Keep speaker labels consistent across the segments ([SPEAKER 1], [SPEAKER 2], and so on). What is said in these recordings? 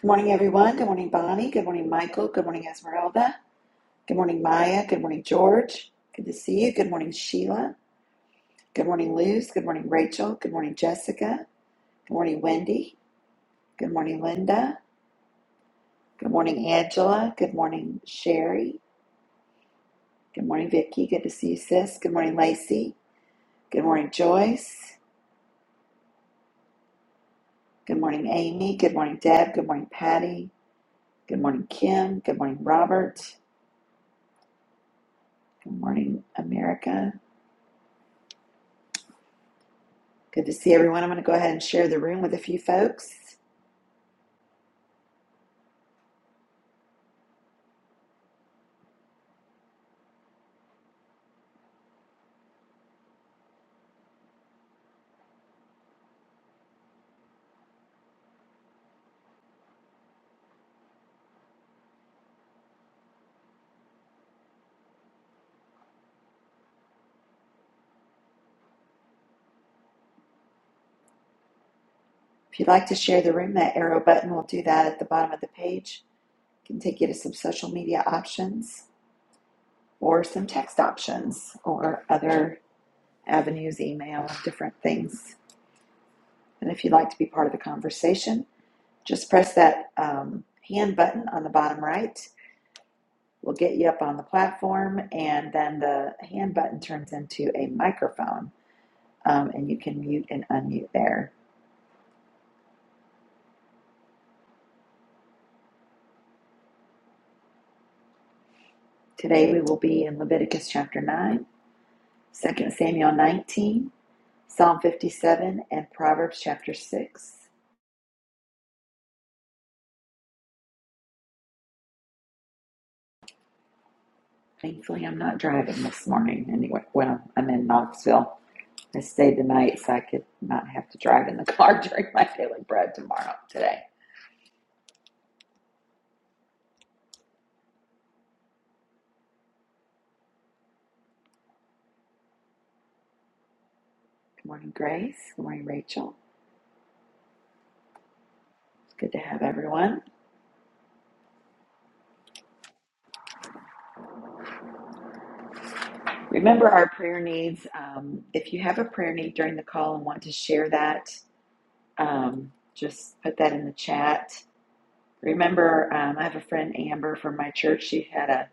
[SPEAKER 1] Good morning, everyone. Good morning, Bonnie. Good morning, Michael. Good morning, Esmeralda. Good morning, Maya. Good morning, George. Good to see you. Good morning, Sheila. Good morning, Luz. Good morning, Rachel. Good morning, Jessica. Good morning, Wendy. Good morning, Linda. Good morning, Angela. Good morning, Sherry. Good morning, Vicky. Good to see you, sis. Good morning, Lacey. Good morning, Joyce. Good morning, Amy. Good morning, Deb. Good morning, Patty. Good morning, Kim. Good morning, Robert. Good morning, America. Good to see everyone. I'm going to go ahead and share the room with a few folks. If you'd like to share the room, that arrow button will do that at the bottom of the page. It can take you to some social media options or some text options or other avenues, email, different things. And if you'd like to be part of the conversation, just press that um, hand button on the bottom right. We'll get you up on the platform, and then the hand button turns into a microphone, um, and you can mute and unmute there. Today we will be in Leviticus chapter 9, Second Samuel 19, Psalm 57, and Proverbs chapter 6. Thankfully, I'm not driving this morning anyway. Well, I'm in Knoxville. I stayed the night so I could not have to drive in the car during my daily bread tomorrow, today. Good morning, Grace. Good morning, Rachel. It's good to have everyone. Remember our prayer needs. Um, if you have a prayer need during the call and want to share that, um, just put that in the chat. Remember, um, I have a friend, Amber, from my church. She had a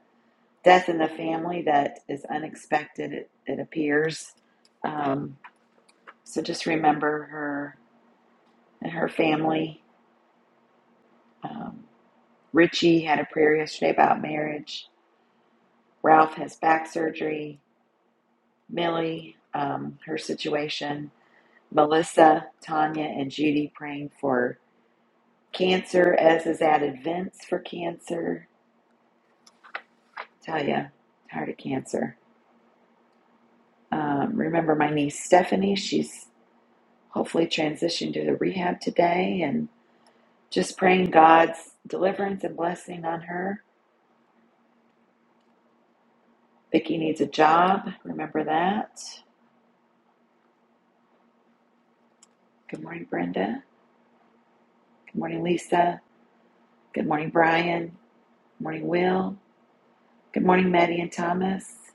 [SPEAKER 1] death in the family that is unexpected, it, it appears. Um, so just remember her and her family. Um, Richie had a prayer yesterday about marriage. Ralph has back surgery. Millie, um, her situation, Melissa, Tanya, and Judy praying for cancer, as is added Vince for cancer. Tell ya, tired of cancer. Um, remember my niece Stephanie, she's hopefully transitioned to the rehab today, and just praying God's deliverance and blessing on her. Vicki needs a job, remember that. Good morning, Brenda. Good morning, Lisa. Good morning, Brian. Good morning, Will. Good morning, Maddie and Thomas.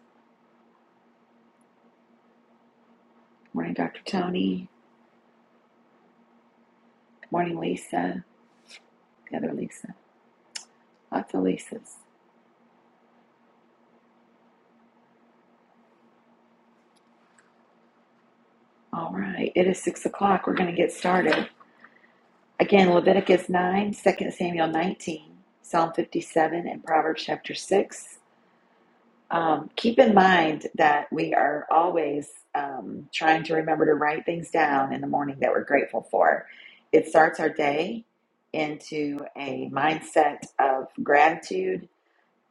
[SPEAKER 1] Morning, Dr. Tony. Morning, Lisa. The other Lisa. Lots of Lisas. All right. It is 6 o'clock. We're going to get started. Again, Leviticus 9, Second Samuel 19, Psalm 57, and Proverbs chapter 6. Um, keep in mind that we are always um, trying to remember to write things down in the morning that we're grateful for. It starts our day into a mindset of gratitude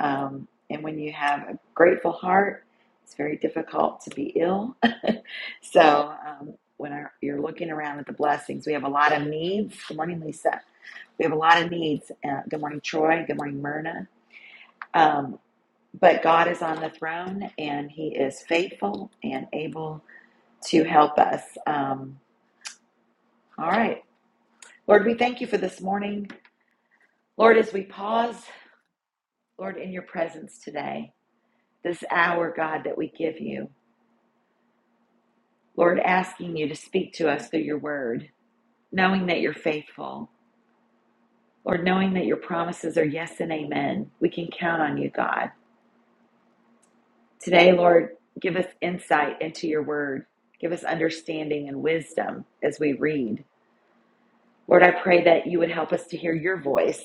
[SPEAKER 1] Um, and when you have a grateful heart, it's very difficult to be ill. so um, when our, you're looking around at the blessings, we have a lot of needs. Good morning, Lisa. We have a lot of needs. Uh, good morning, Troy. Good morning, Myrna. Um, but God is on the throne, and He is faithful and able to help us. Um, all right, Lord, we thank you for this morning. Lord, as we pause, Lord, in your presence today, this hour, God, that we give you. Lord, asking you to speak to us through your word, knowing that you're faithful. Lord, knowing that your promises are yes and amen. We can count on you, God. Today, Lord, give us insight into your word. Give us understanding and wisdom as we read. Lord, I pray that you would help us to hear your voice.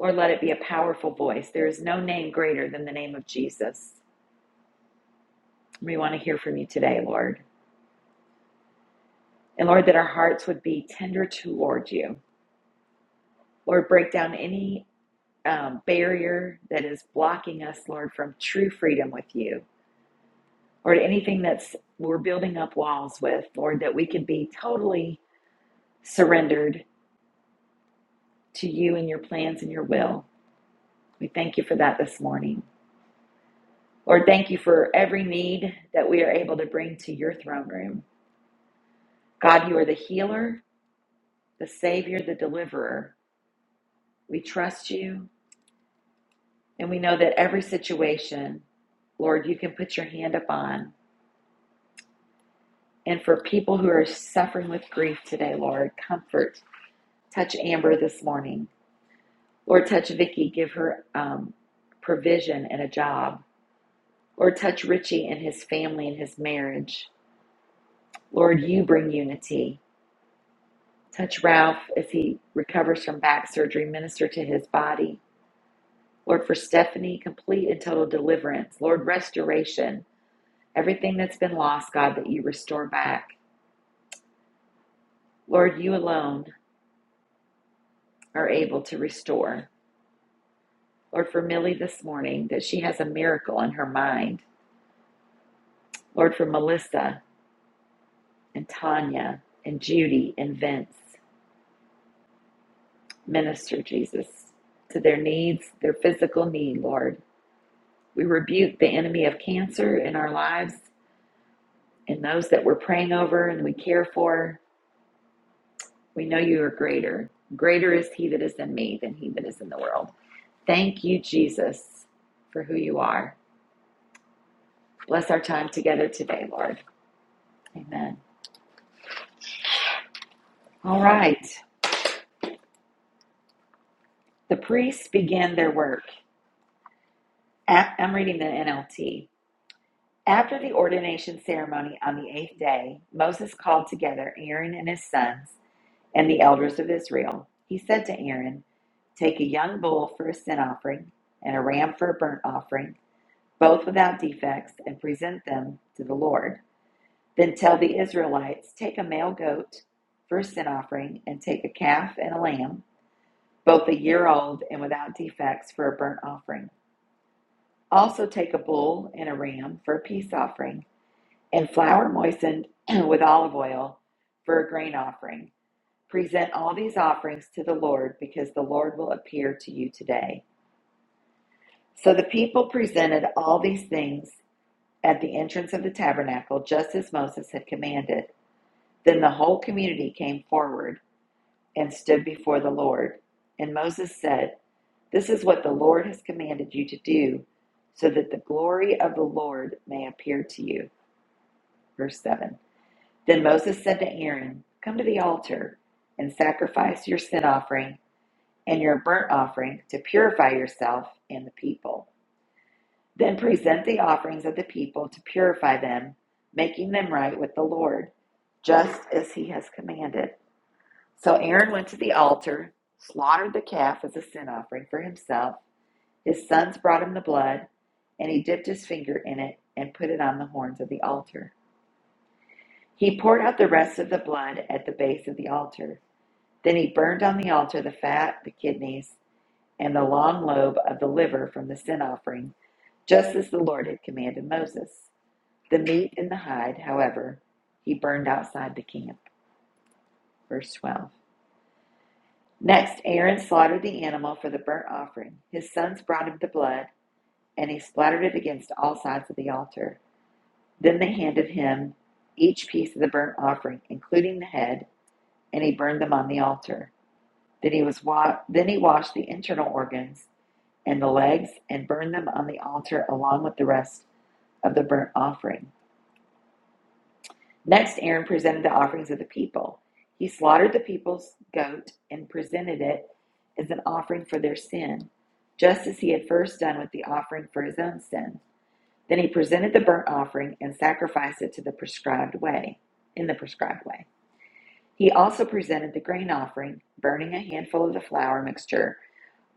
[SPEAKER 1] Lord, let it be a powerful voice. There is no name greater than the name of Jesus. We want to hear from you today, Lord. And Lord, that our hearts would be tender toward you. Lord, break down any um, barrier that is blocking us, Lord, from true freedom with you, Lord, anything that's we're building up walls with, Lord, that we can be totally surrendered to you and your plans and your will. We thank you for that this morning. Lord, thank you for every need that we are able to bring to your throne room. God, you are the healer, the savior, the deliverer. We trust you, and we know that every situation, Lord, you can put your hand upon And for people who are suffering with grief today, Lord, comfort. Touch Amber this morning. Lord, touch Vicky. Give her um, provision and a job. Lord, touch Richie and his family and his marriage. Lord, you bring unity. Touch Ralph as he recovers from back surgery. Minister to his body. Lord, for Stephanie, complete and total deliverance. Lord, restoration. Everything that's been lost, God, that you restore back. Lord, you alone are able to restore. Lord, for Millie this morning, that she has a miracle in her mind. Lord, for Melissa and Tanya and Judy and Vince, minister Jesus to their needs, their physical need, Lord. We rebuke the enemy of cancer in our lives and those that we're praying over and we care for. We know you are greater. Greater is he that is in me than he that is in the world. Thank you, Jesus, for who you are. Bless our time together today, Lord. Amen. All right. The priests began their work. I'm reading the NLT. After the ordination ceremony on the eighth day, Moses called together Aaron and his sons and the elders of Israel. He said to Aaron, Take a young bull for a sin offering and a ram for a burnt offering, both without defects, and present them to the Lord. Then tell the Israelites, Take a male goat for a sin offering, and take a calf and a lamb, both a year old and without defects, for a burnt offering. Also, take a bull and a ram for a peace offering, and flour moistened with olive oil for a grain offering. Present all these offerings to the Lord, because the Lord will appear to you today. So the people presented all these things at the entrance of the tabernacle, just as Moses had commanded. Then the whole community came forward and stood before the Lord. And Moses said, This is what the Lord has commanded you to do, so that the glory of the Lord may appear to you. Verse 7 Then Moses said to Aaron, Come to the altar and sacrifice your sin offering and your burnt offering to purify yourself and the people. Then present the offerings of the people to purify them, making them right with the Lord, just as he has commanded. So Aaron went to the altar, slaughtered the calf as a sin offering for himself. His sons brought him the blood, and he dipped his finger in it and put it on the horns of the altar. He poured out the rest of the blood at the base of the altar. Then he burned on the altar the fat, the kidneys, and the long lobe of the liver from the sin offering, just as the Lord had commanded Moses. The meat and the hide, however, he burned outside the camp. Verse 12. Next, Aaron slaughtered the animal for the burnt offering. His sons brought him the blood, and he splattered it against all sides of the altar. Then they handed him each piece of the burnt offering, including the head, and he burned them on the altar. Then he was wa- then he washed the internal organs and the legs and burned them on the altar along with the rest of the burnt offering. Next Aaron presented the offerings of the people. He slaughtered the people's goat and presented it as an offering for their sin, just as he had first done with the offering for his own sin. Then he presented the burnt offering and sacrificed it to the prescribed way, in the prescribed way. He also presented the grain offering, burning a handful of the flour mixture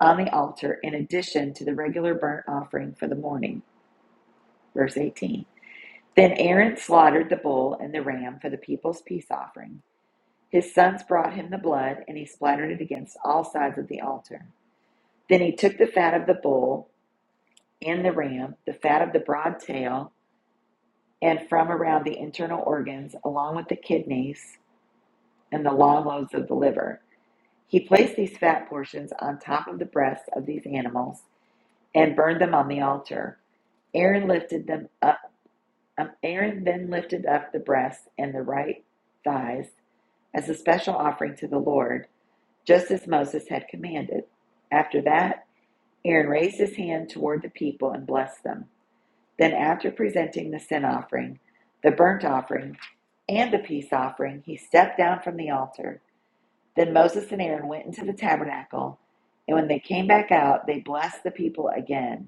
[SPEAKER 1] on the altar in addition to the regular burnt offering for the morning. Verse 18. Then Aaron slaughtered the bull and the ram for the people's peace offering. His sons brought him the blood, and he splattered it against all sides of the altar. Then he took the fat of the bull and the ram, the fat of the broad tail, and from around the internal organs, along with the kidneys and the long lobes of the liver. He placed these fat portions on top of the breasts of these animals and burned them on the altar. Aaron lifted them up. um, Aaron then lifted up the breasts and the right thighs as a special offering to the Lord, just as Moses had commanded. After that, Aaron raised his hand toward the people and blessed them. Then, after presenting the sin offering, the burnt offering, and the peace offering, he stepped down from the altar. Then Moses and Aaron went into the tabernacle, and when they came back out, they blessed the people again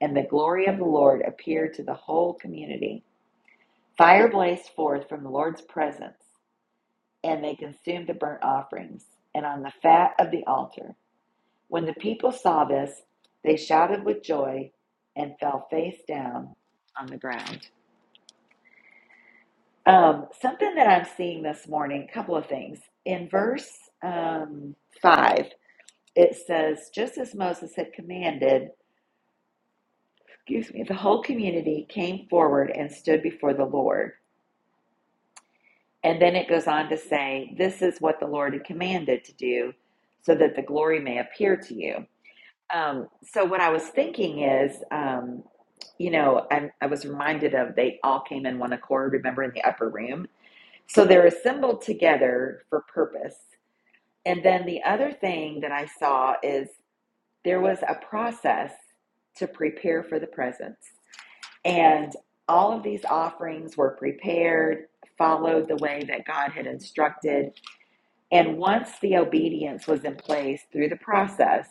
[SPEAKER 1] and the glory of the Lord appeared to the whole community. Fire blazed forth from the Lord's presence, and they consumed the burnt offerings and on the fat of the altar. When the people saw this, they shouted with joy and fell face down on the ground. Um, something that I'm seeing this morning, a couple of things. In verse um, 5, it says, Just as Moses had commanded, excuse me, the whole community came forward and stood before the Lord. And then it goes on to say, This is what the Lord commanded to do so that the glory may appear to you. Um, so, what I was thinking is, um, you know, I, I was reminded of they all came in one accord, remember, in the upper room. So, they're assembled together for purpose. And then the other thing that I saw is there was a process to prepare for the presence. And all of these offerings were prepared, followed the way that God had instructed and once the obedience was in place through the process,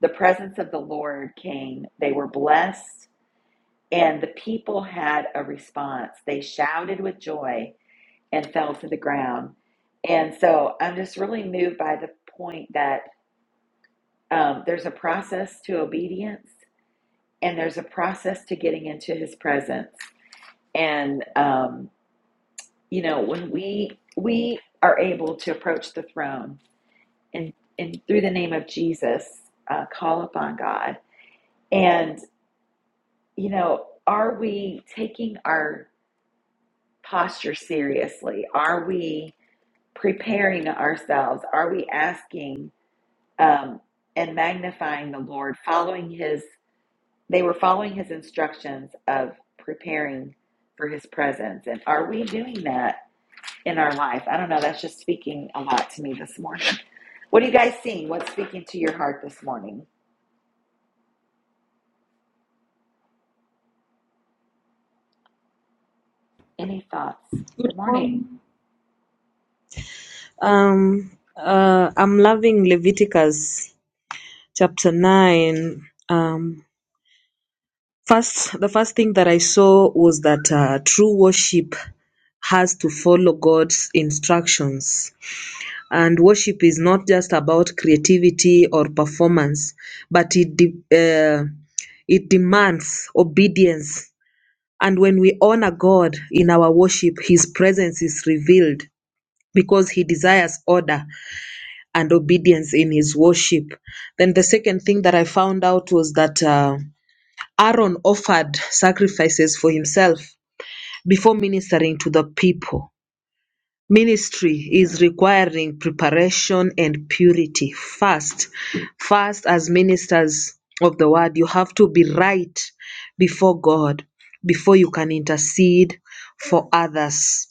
[SPEAKER 1] the presence of the Lord came. They were blessed, and the people had a response. They shouted with joy and fell to the ground. And so I'm just really moved by the point that um, there's a process to obedience and there's a process to getting into his presence. And, um, you know, when we, we are able to approach the throne and, and through the name of Jesus, uh, call upon God. And, you know, are we taking our posture seriously? Are we preparing ourselves? Are we asking um, and magnifying the Lord, following his, they were following his instructions of preparing for his presence. And are we doing that in our life? I don't know. That's just speaking a lot to me this morning. What are you guys seeing? What's speaking to your heart this morning? Any thoughts? Good morning.
[SPEAKER 2] Um, uh, I'm loving Leviticus chapter 9. Um, first, the first thing that I saw was that uh, true worship has to follow God's instructions. And worship is not just about creativity or performance, but it, de- uh, it demands obedience. And when we honor God in our worship, His presence is revealed because He desires order and obedience in his worship. Then the second thing that I found out was that uh, Aaron offered sacrifices for himself before ministering to the people. Ministry is requiring preparation and purity. First, first as ministers of the word, you have to be right before God before you can intercede for others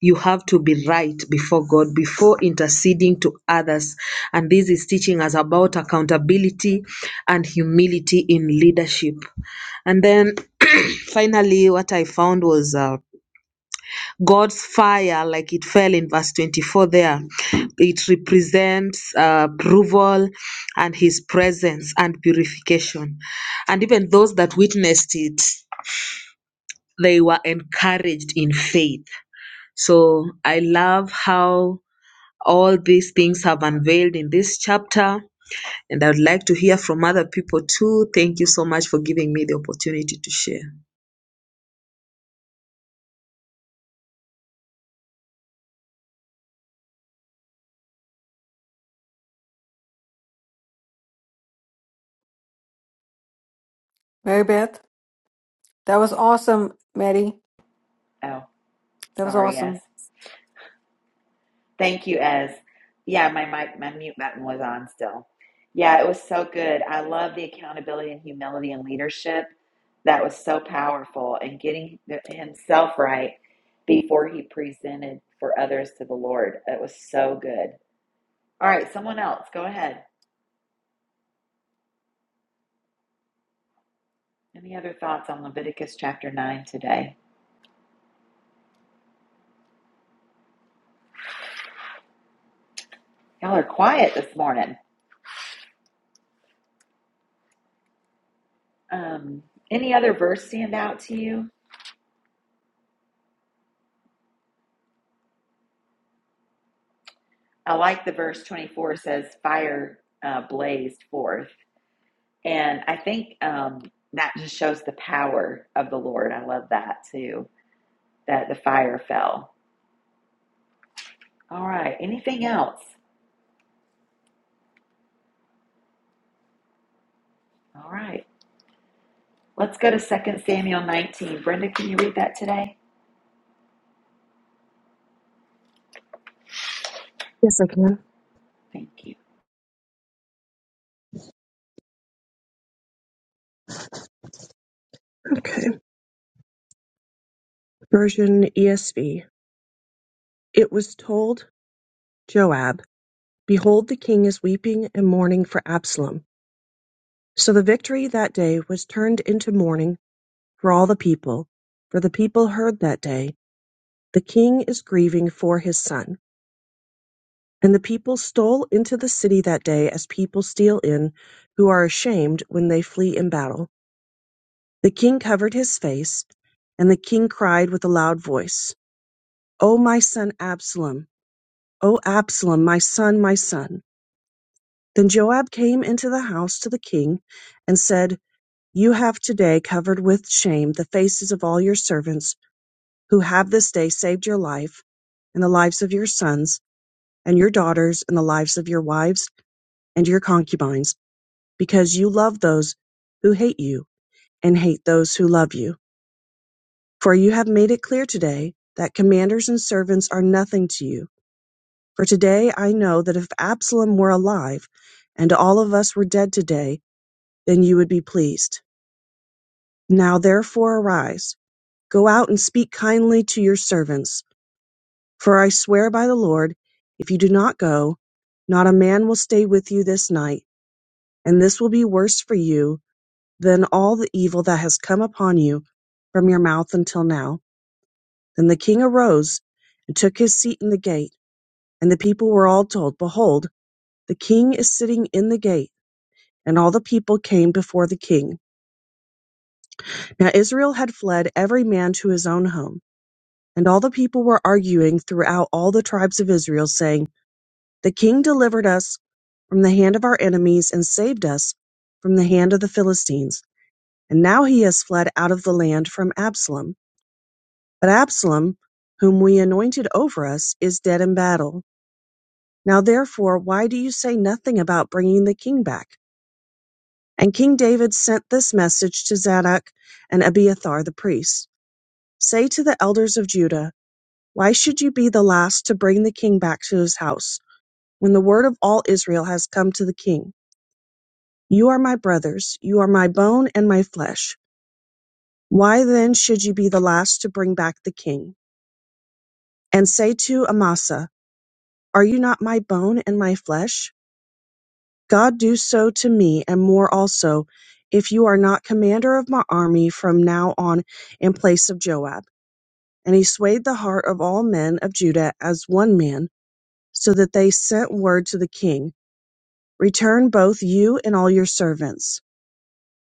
[SPEAKER 2] you have to be right before God before interceding to others. And this is teaching us about accountability and humility in leadership. And then finally, what I found was uh, God's fire, like it fell in verse 24 there. It represents uh, approval and his presence and purification. And even those that witnessed it, they were encouraged in faith. So I love how all these things have unveiled in this chapter, and I would like to hear from other people too. Thank you so much for giving me the opportunity to share.
[SPEAKER 3] Mary Beth, that was awesome, Maddie.
[SPEAKER 1] Oh,
[SPEAKER 3] That was
[SPEAKER 1] sorry, Ez.
[SPEAKER 3] awesome.
[SPEAKER 1] Thank you, Ez. Yeah, my mic, my mute button was on still. Yeah, it was so good. I love the accountability and humility and leadership. That was so powerful and getting the- himself right before he presented for others to the Lord. That was so good. All right, someone else, go ahead. Any other thoughts on Leviticus chapter 9 today? Y'all are quiet this morning. Um, any other verse stand out to you? I like the verse 24 says, fire uh, blazed forth. And I think um, that just shows the power of the Lord. I love that too, that the fire fell. All right. Anything else? All right. Let's go to Second Samuel 19. Brenda, can you read that today?
[SPEAKER 4] Yes, I can.
[SPEAKER 1] Thank you.
[SPEAKER 4] Okay. Version ESV. It was told Joab, Behold, the king is weeping and mourning for Absalom. So the victory that day was turned into mourning for all the people. For the people heard that day, The king is grieving for his son. And the people stole into the city that day as people steal in, who are ashamed when they flee in battle. The king covered his face, and the king cried with a loud voice, O my son Absalom! O Absalom, my son, my son. Then Joab came into the house to the king and said, You have today covered with shame the faces of all your servants who have this day saved your life and the lives of your sons and your daughters and the lives of your wives and your concubines, because you love those who hate you and hate those who love you. For you have made it clear today that commanders and servants are nothing to you For today I know that if Absalom were alive, and all of us were dead today, then you would be pleased. Now therefore arise, go out and speak kindly to your servants. For I swear by the Lord, if you do not go, not a man will stay with you this night, and this will be worse for you than all the evil that has come upon you from your mouth until now. Then the king arose and took his seat in the gate, and the people were all told, Behold, the king is sitting in the gate. And all the people came before the king. Now Israel had fled every man to his own home. And all the people were arguing throughout all the tribes of Israel, saying, The king delivered us from the hand of our enemies and saved us from the hand of the Philistines. And now he has fled out of the land from Absalom. But Absalom, whom we anointed over us, is dead in battle. Now therefore, why do you say nothing about bringing the king back? And King David sent this message to Zadok and Abiathar the priests. Say to the elders of Judah, Why should you be the last to bring the king back to his house, when the word of all Israel has come to the king? You are my brothers, you are my bone and my flesh. Why then should you be the last to bring back the king? And say to Amasa, Are you not my bone and my flesh? God do so to me and more also, if you are not commander of my army from now on in place of Joab. And he swayed the heart of all men of Judah as one man So that they sent word to the king, Return both you and all your servants.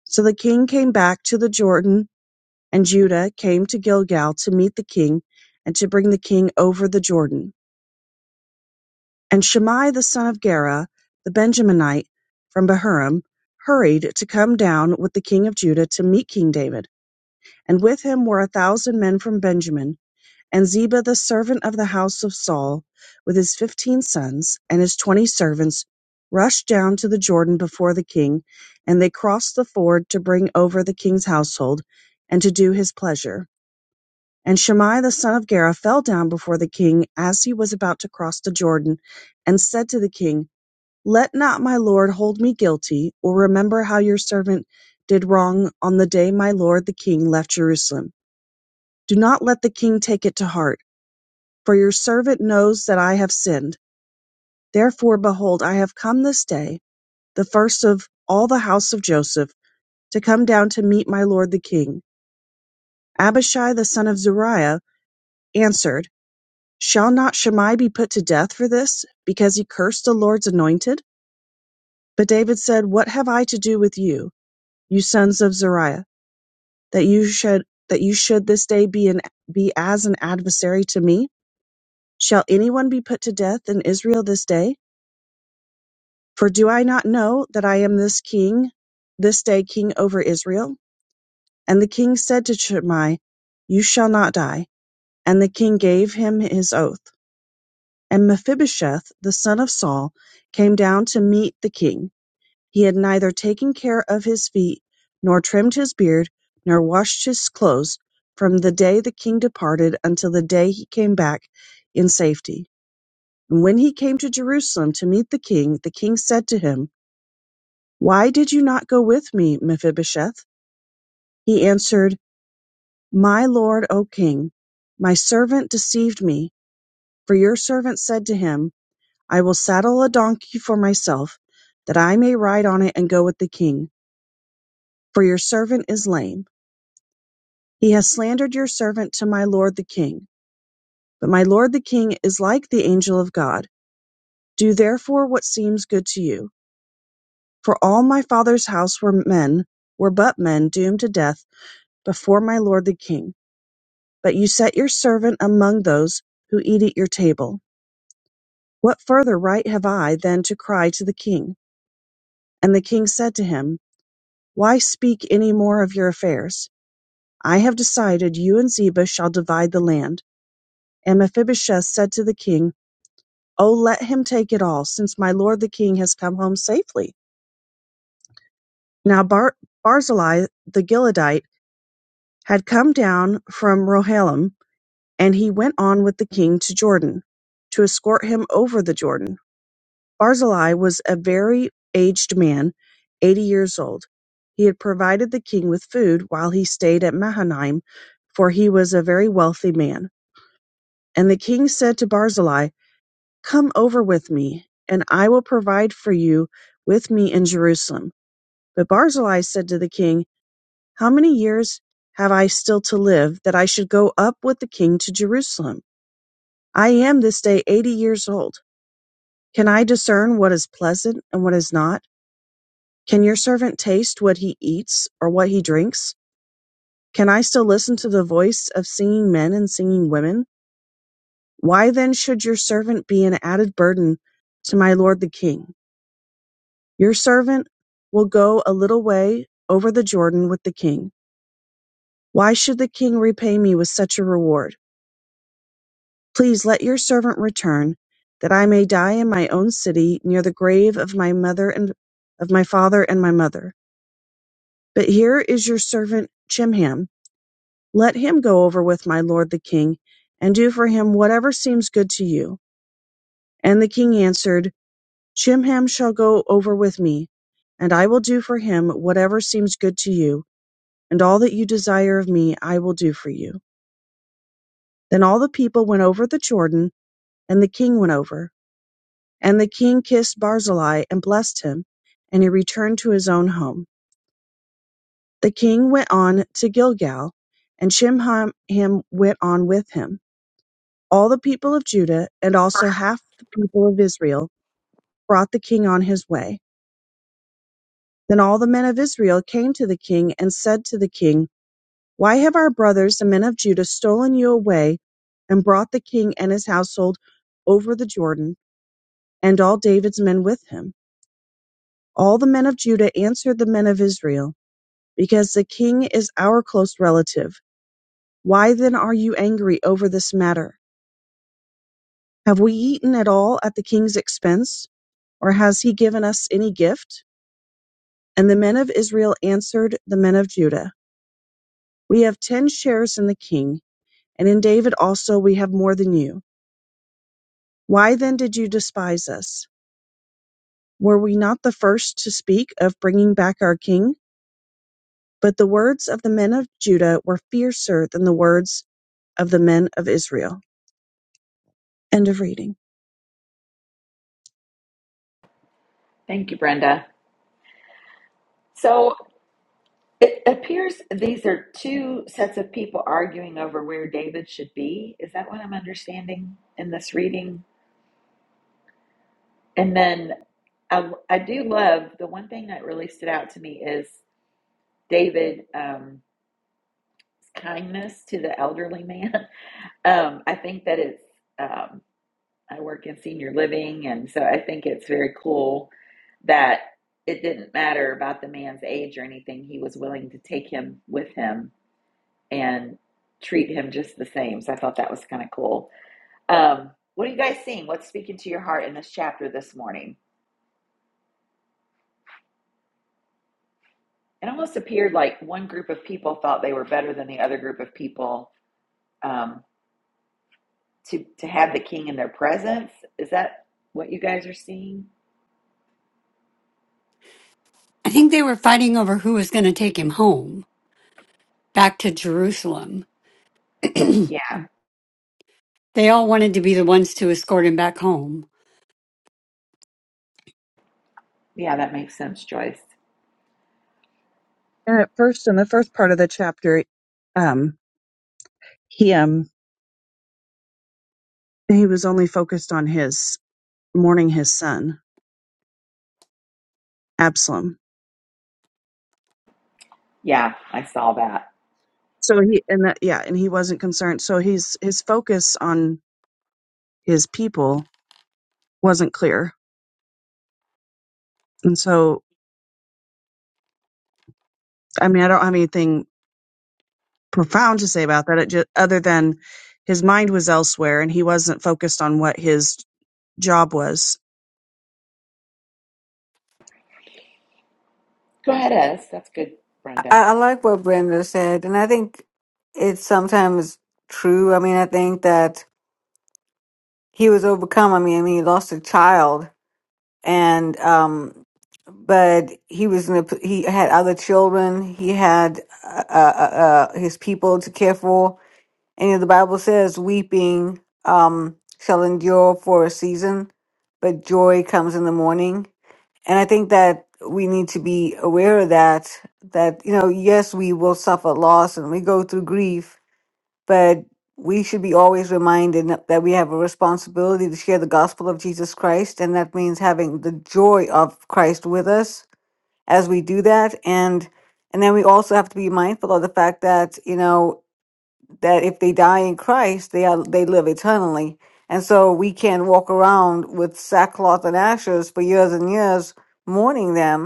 [SPEAKER 4] So the king came back to the Jordan, and Judah came to Gilgal to meet the king and to bring the king over the Jordan. And Shimei the son of Gera, the Benjaminite from Bahurim, hurried to come down with the king of Judah to meet King David. And with him were a thousand men from Benjamin And Ziba the servant of the house of Saul, with his fifteen sons and his twenty servants, rushed down to the Jordan before the king, and they crossed the ford to bring over the king's household, and to do his pleasure. And Shimei the son of Gera fell down before the king as he was about to cross the Jordan, and said to the king, Let not my lord hold me guilty, or remember how your servant did wrong on the day my lord the king left Jerusalem. Do not let the king take it to heart for your servant knows that I have sinned. Therefore, behold, I have come this day, the first of all the house of Joseph, to come down to meet my lord the king. Abishai the son of Zeruiah answered, Shall not Shammai be put to death for this, because he cursed the Lord's anointed? But David said, What have I to do with you, you sons of Zeruiah, that you should that you should this day be an be as an adversary to me? Shall anyone be put to death in Israel this day? For do I not know that I am this king, this day king over Israel? And the king said to Shimei, You shall not die. And the king gave him his oath. And Mephibosheth, the son of Saul, came down to meet the king. He had neither taken care of his feet, nor trimmed his beard, nor washed his clothes, from the day the king departed until the day he came back in safety. And when he came to Jerusalem to meet the king, the king said to him, Why did you not go with me, Mephibosheth? He answered, My lord, O king, my servant deceived me, for your servant said to him, I will saddle a donkey for myself, that I may ride on it and go with the king, for your servant is lame. He has slandered your servant to my lord the king. But my lord the king is like the angel of God. Do therefore what seems good to you. For all my father's house were men, were but men doomed to death before my lord the king. But you set your servant among those who eat at your table. What further right have I than to cry to the king? And the king said to him, Why speak any more of your affairs? I have decided you and Ziba shall divide the land. And Mephibosheth said to the king, Oh, let him take it all, since my lord the king has come home safely. Now Bar- Barzillai the Gileadite had come down from Rohalim, and he went on with the king to Jordan, to escort him over the Jordan. Barzillai was a very aged man, eighty years old. He had provided the king with food while he stayed at Mahanaim, for he was a very wealthy man. And the king said to Barzillai, Come over with me, and I will provide for you with me in Jerusalem. But Barzillai said to the king, How many years have I still to live, that I should go up with the king to Jerusalem? I am this day eighty years old. Can I discern what is pleasant and what is not? Can your servant taste what he eats or what he drinks? Can I still listen to the voice of singing men and singing women? Why then should your servant be an added burden to my lord the king? Your servant will go a little way over the Jordan with the king. Why should the king repay me with such a reward? Please let your servant return, that I may die in my own city near the grave of my mother and of my father and my mother. But here is your servant Chimham Let him go over with my lord the king, and do for him whatever seems good to you. And the king answered, Chimham shall go over with me, and I will do for him whatever seems good to you, and all that you desire of me I will do for you. Then all the people went over the Jordan, and the king went over. And the king kissed Barzillai and blessed him, and he returned to his own home. The king went on to Gilgal, and Chimham went on with him. All the people of Judah, and also half the people of Israel, brought the king on his way. Then all the men of Israel came to the king and said to the king, Why have our brothers, the men of Judah, stolen you away and brought the king and his household over the Jordan, and all David's men with him? All the men of Judah answered the men of Israel, Because the king is our close relative. Why then are you angry over this matter? Have we eaten at all at the king's expense, or has he given us any gift? And the men of Israel answered the men of Judah, We have ten shares in the king, and in David also we have more than you. Why then did you despise us? Were we not the first to speak of bringing back our king? But the words of the men of Judah were fiercer than the words of the men of Israel. End of reading.
[SPEAKER 1] Thank you, Brenda. So it appears these are two sets of people arguing over where David should be. Is that what I'm understanding in this reading? And then I, I do love the one thing that really stood out to me is David's um, kindness to the elderly man. Um, I think that it's um, I work in senior living, and so I think it's very cool that it didn't matter about the man's age or anything. He was willing to take him with him and treat him just the same. So I thought that was kind of cool. Um, what are you guys seeing? What's speaking to your heart in this chapter this morning? It almost appeared like one group of people thought they were better than the other group of people um, to to have the king in their presence. Is that what you guys are seeing?
[SPEAKER 5] I think they were fighting over who was going to take him home back to Jerusalem.
[SPEAKER 1] Yeah,
[SPEAKER 5] They all wanted to be the ones to escort him back home.
[SPEAKER 1] yeah, that makes sense, Joyce.
[SPEAKER 4] And at first, in the first part of the chapter, um, he um, he was only focused on his mourning his son Absalom
[SPEAKER 1] Yeah, I saw that.
[SPEAKER 4] So he and that yeah, and he wasn't concerned. So he's his focus on his people wasn't clear. And so I mean, I don't have anything profound to say about that. It just, other than his mind was elsewhere and he wasn't focused on what his job was.
[SPEAKER 1] Go ahead, Ez. That's good,
[SPEAKER 3] I,
[SPEAKER 1] Brenda.
[SPEAKER 3] I like what Brenda said, and I think it's sometimes true. I mean, I think that he was overcome. I mean, I mean, he lost a child, and um, but he was in a, p- he had other children. He had uh, uh, uh, uh, his people to care for, and the Bible says, "Weeping um, shall endure for a season, but joy comes in the morning." And I think that we need to be aware of that, that, you know, yes, we will suffer loss and we go through grief, but we should be always reminded that that we have a responsibility to share the gospel of Jesus Christ. And that means having the joy of Christ with us as we do that. And, and then we also have to be mindful of the fact that, you know, that if they die in Christ, they are, they live eternally. And so we can't walk around with sackcloth and ashes for years and years mourning them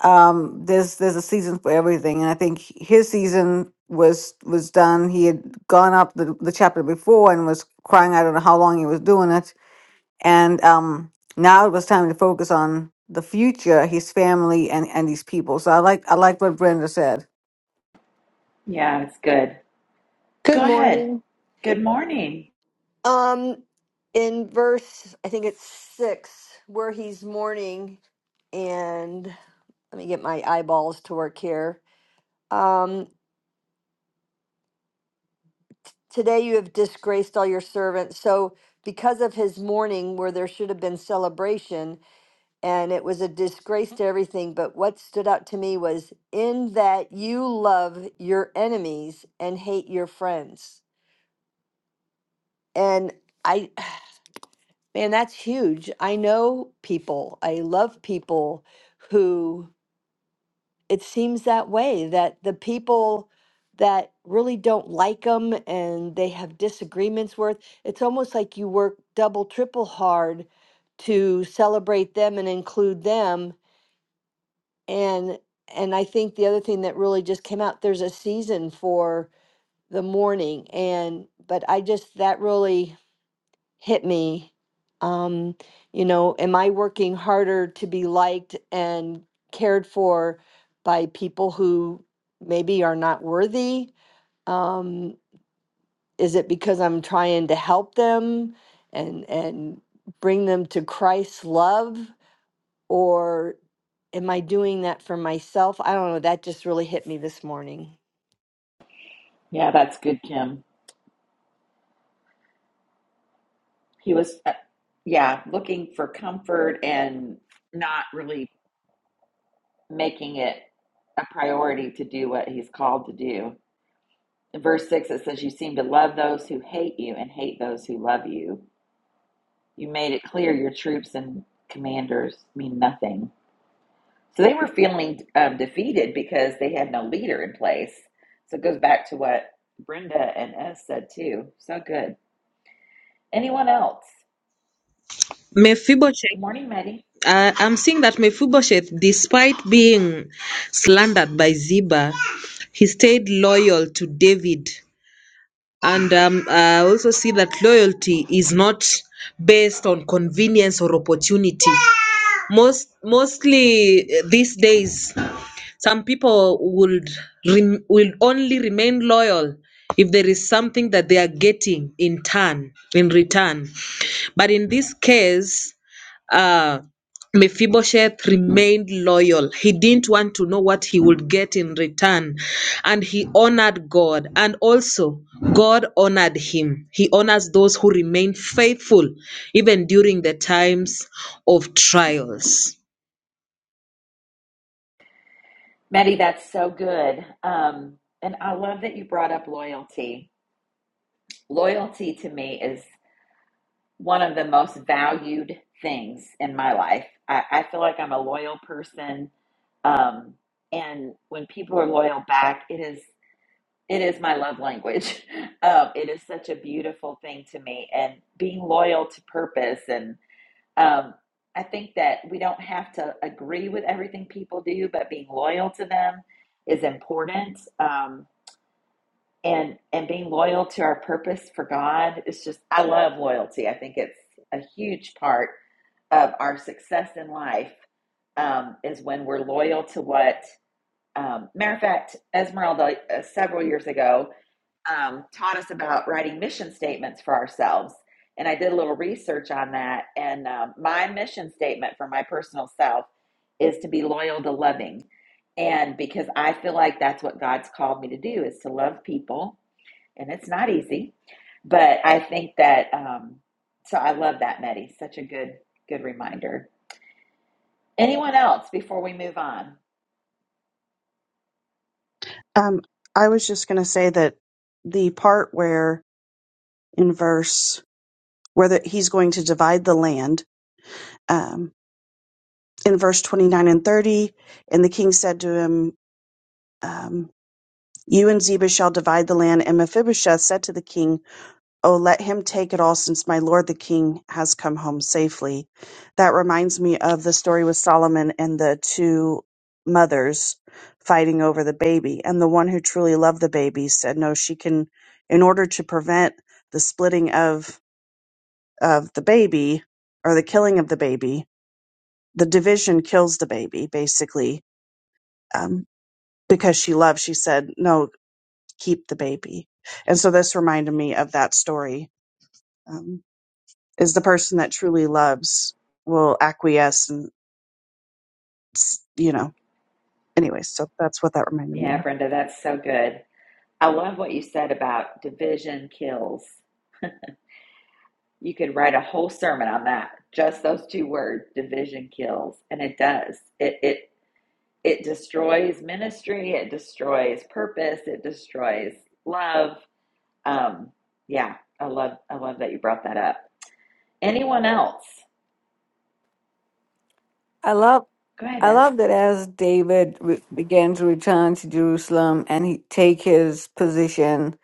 [SPEAKER 3] um there's there's a season for everything and i think his season was was done he had gone up the, the chapter before and was crying i don't know how long he was doing it and um now it was time to focus on the future his family and and these people so i like i like what brenda said
[SPEAKER 1] Yeah, that's good.
[SPEAKER 6] Good
[SPEAKER 1] Go ahead.
[SPEAKER 6] morning.
[SPEAKER 1] Good morning.
[SPEAKER 6] Um, in verse, I think it's six, where he's mourning, and let me get my eyeballs to work here. Um, today you have disgraced all your servants. So, because of his mourning, where there should have been celebration, and it was a disgrace to everything, but what stood out to me was in that you love your enemies and hate your friends. And I Man, that's huge. I know people, I love people who it seems that way that the people that really don't like them and they have disagreements with, it's almost like you work double, triple hard to celebrate them and include them. And and I think the other thing that really just came out, there's a season for the mourning and but I just that really hit me. Um, you know, am I working harder to be liked and cared for by people who maybe are not worthy? Um, is it because I'm trying to help them and and bring them to Christ's love, or am I doing that for myself? I don't know. That just really hit me this morning.
[SPEAKER 1] Yeah, that's good, Kim. He was, uh, yeah, looking for comfort and not really making it a priority to do what he's called to do. In verse 6, it says, You seem to love those who hate you and hate those who love you. You made it clear your troops and commanders mean nothing. So they were feeling um, defeated because they had no leader in place. So it goes back to what Brenda and S said too. So good. Anyone else?
[SPEAKER 2] Mephibosheth,
[SPEAKER 1] Good morning, Maddie.
[SPEAKER 2] uh, I'm seeing that Mephibosheth, despite being slandered by Ziba, he stayed loyal to David. And um, I also see that loyalty is not based on convenience or opportunity. Most mostly eh, these days Some people would rem- will only remain loyal if there is something that they are getting in turn, in return. But in this case, uh, Mephibosheth remained loyal. He didn't want to know what he would get in return. And he honored God. And also, God honored him. He honors those who remain faithful, even during the times of trials.
[SPEAKER 1] Maddie, that's so good. Um, and I love that you brought up loyalty. Loyalty to me is. one of the most valued things in my life. I, I feel like I'm a loyal person. Um, and when people are loyal back, it is it is my love language. Um, it is such a beautiful thing to me, and being loyal to purpose. And um, I think that we don't have to agree with everything people do, but being loyal to them is important. Um, and and being loyal to our purpose for God is just I love loyalty. I think it's a huge part of our success in life um, is when we're loyal to what. Um, matter of fact, Esmeralda uh, several years ago um, taught us about writing mission statements for ourselves, and I did a little research on that. And um, my mission statement for my personal self is to be loyal to loving, and because I feel like that's what God's called me to do is to love people, and it's not easy, but I think that. Um, so I love that, Meddy. Such a good good reminder. Anyone else before we move on?
[SPEAKER 4] Um, I was just going to say that the part where in verse where the, he's going to divide the land um, in verse 29 and 30 and the king said to him um, You and Ziba shall divide the land. And Mephibosheth said to the king, Oh, let him take it all, since my lord the king has come home safely. That reminds me of the story with Solomon and the two mothers fighting over the baby. And the one who truly loved the baby said, No, she can, in order to prevent the splitting of, of the baby or the killing of the baby, the division kills the baby, basically. Um, because she loved, she said, No, keep the baby. And so this reminded me of that story um, is the person that truly loves will acquiesce and, s- you know, anyways, so that's what that reminded me of.
[SPEAKER 1] Yeah, Brenda, that's so good. I love what you said about division kills. You could write a whole sermon on that, just those two words, division kills, and it does. It it it destroys ministry, it destroys purpose, it destroys love. Um, yeah, I love I love that you brought that up. Anyone else?
[SPEAKER 3] i love
[SPEAKER 1] Go ahead,
[SPEAKER 3] i
[SPEAKER 1] Ez.
[SPEAKER 3] love that as david re- began to return to jerusalem and he take his position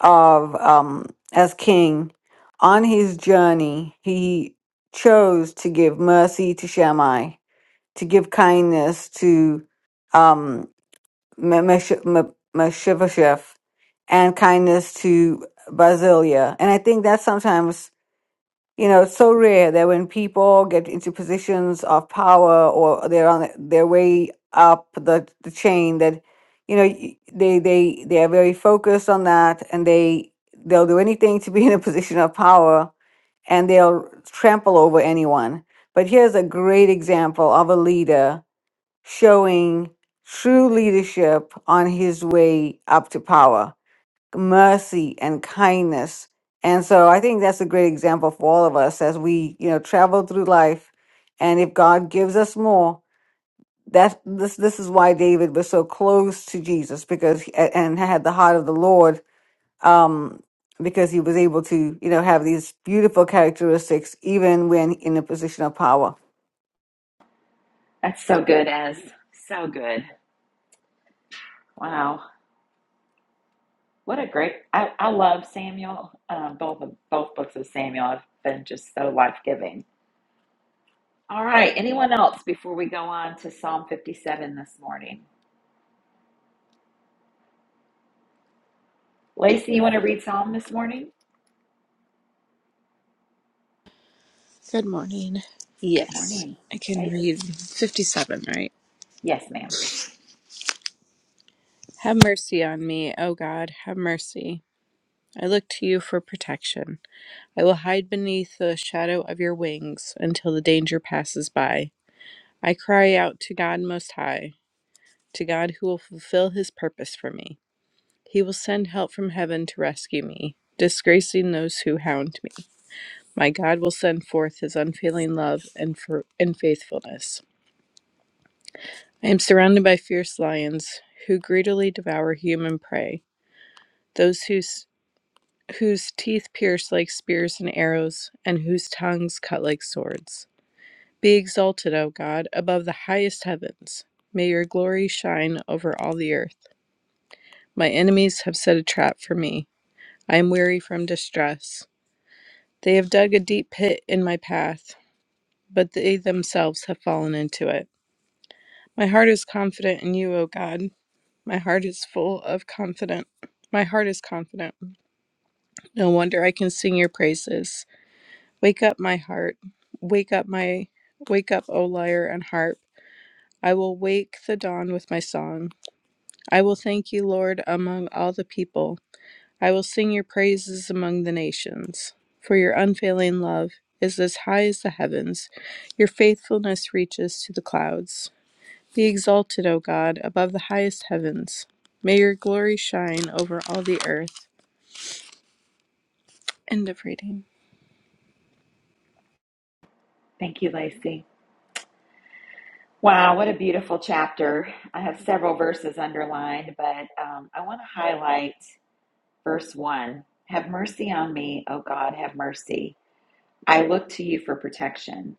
[SPEAKER 3] of um, as king, on his journey, he chose to give mercy to Shammai, to give kindness to um, Me- Mesh- Me- Mephibosheth, and kindness to Basilia. And I think that sometimes you know it's so rare that when people get into positions of power or they're on their way up the, the chain that you know y- they they they are very focused on that and they they'll do anything to be in a position of power and they'll trample over anyone but here's a great example of a leader showing true leadership on his way up to power mercy and kindness. And so I think that's a great example for all of us as we, you know, travel through life. And if God gives us more, that this this is why David was so close to Jesus because he- a- and had the heart of the Lord um because he was able to, you know, have these beautiful characteristics even when in a position of power.
[SPEAKER 1] That's so good, Ez. So good. Wow, what a great! I, I love Samuel. Um, both of both books of Samuel have been just so life giving. All right, anyone else before we go on to Psalm fifty seven this morning? Lacey, you want to read Psalm this morning?
[SPEAKER 7] Good morning.
[SPEAKER 1] Good
[SPEAKER 7] Yes,
[SPEAKER 1] morning,
[SPEAKER 7] I can
[SPEAKER 1] Okay.
[SPEAKER 7] read 57, right?
[SPEAKER 1] Yes, ma'am.
[SPEAKER 7] Have mercy on me, O God, have mercy. I look to you for protection. I will hide beneath the shadow of your wings until the danger passes by. I cry out to God Most High, to God who will fulfill his purpose for me. He will send help from heaven to rescue me, disgracing those who hound me. My God will send forth his unfailing love and, for- and faithfulness. I am surrounded by fierce lions who greedily devour human prey, those whose, whose teeth pierce like spears and arrows, and whose tongues cut like swords. Be exalted, O God, above the highest heavens. May your glory shine over all the earth. My enemies have set a trap for me. I am weary from distress. They have dug a deep pit in my path, but they themselves have fallen into it. My heart is confident in you, O God. My heart is full of confident. My heart is confident. No wonder I can sing your praises. Wake up, my heart. Wake up, my wake up, O lyre and harp. I will wake the dawn with my song. I will thank you, Lord, among all the people. I will sing your praises among the nations. For your unfailing love is as high as the heavens, your faithfulness reaches to the clouds. Be exalted, O God, above the highest heavens. May your glory shine over all the earth. End of reading.
[SPEAKER 1] Thank you, Lacey. Wow, what a beautiful chapter. I have several verses underlined, but um, I want to highlight verse 1 Have mercy on me, O God, have mercy. I look to you for protection.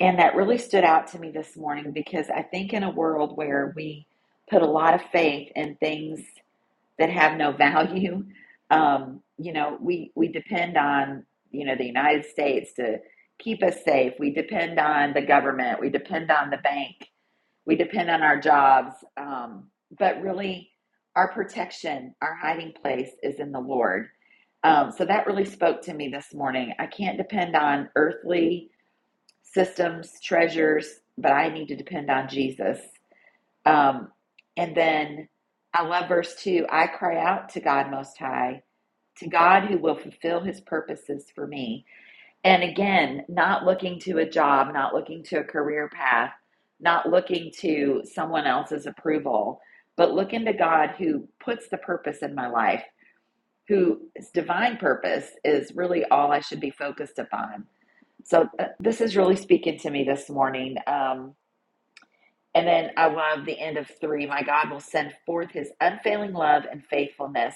[SPEAKER 1] And that really stood out to me this morning because I think in a world where we put a lot of faith in things that have no value, um, you know, we, we depend on, you know, the United States to keep us safe. We depend on the government. We depend on the bank we depend on our jobs um, but really our protection our hiding place is in the lord um, so that really spoke to me this morning i can't depend on earthly systems treasures but i need to depend on jesus um, and then i love verse 2 i cry out to god most high to god who will fulfill his purposes for me and again, not looking to a job, not looking to a career path, not looking to someone else's approval, but looking to God who puts the purpose in my life, whose divine purpose is really all I should be focused upon. So uh, this is really speaking to me this morning. Um, and then I love the end of three. My God will send forth his unfailing love and faithfulness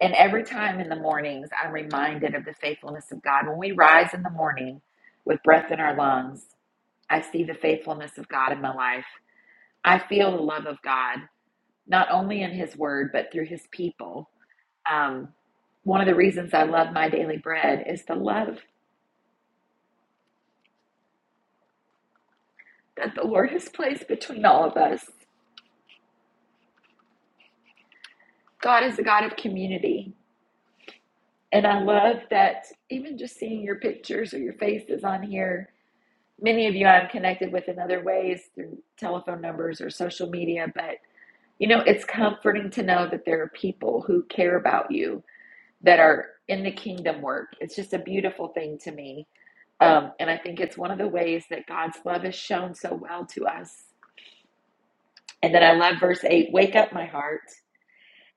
[SPEAKER 1] and every time in the mornings, I'm reminded of the faithfulness of God. When we rise in the morning with breath in our lungs, I see the faithfulness of God in my life. I feel the love of God, not only in His Word, but through His people. Um, one of the reasons I love my daily bread is the love that the Lord has placed between all of us. God is a God of community. And I love that even just seeing your pictures or your faces on here many of you I'm connected with in other ways through telephone numbers or social media, but you know, it's comforting to know that there are people who care about you that are in the kingdom work. It's just a beautiful thing to me. Um, and I think it's one of the ways that God's love is shown so well to us. And then I love verse 8 Wake up, my heart.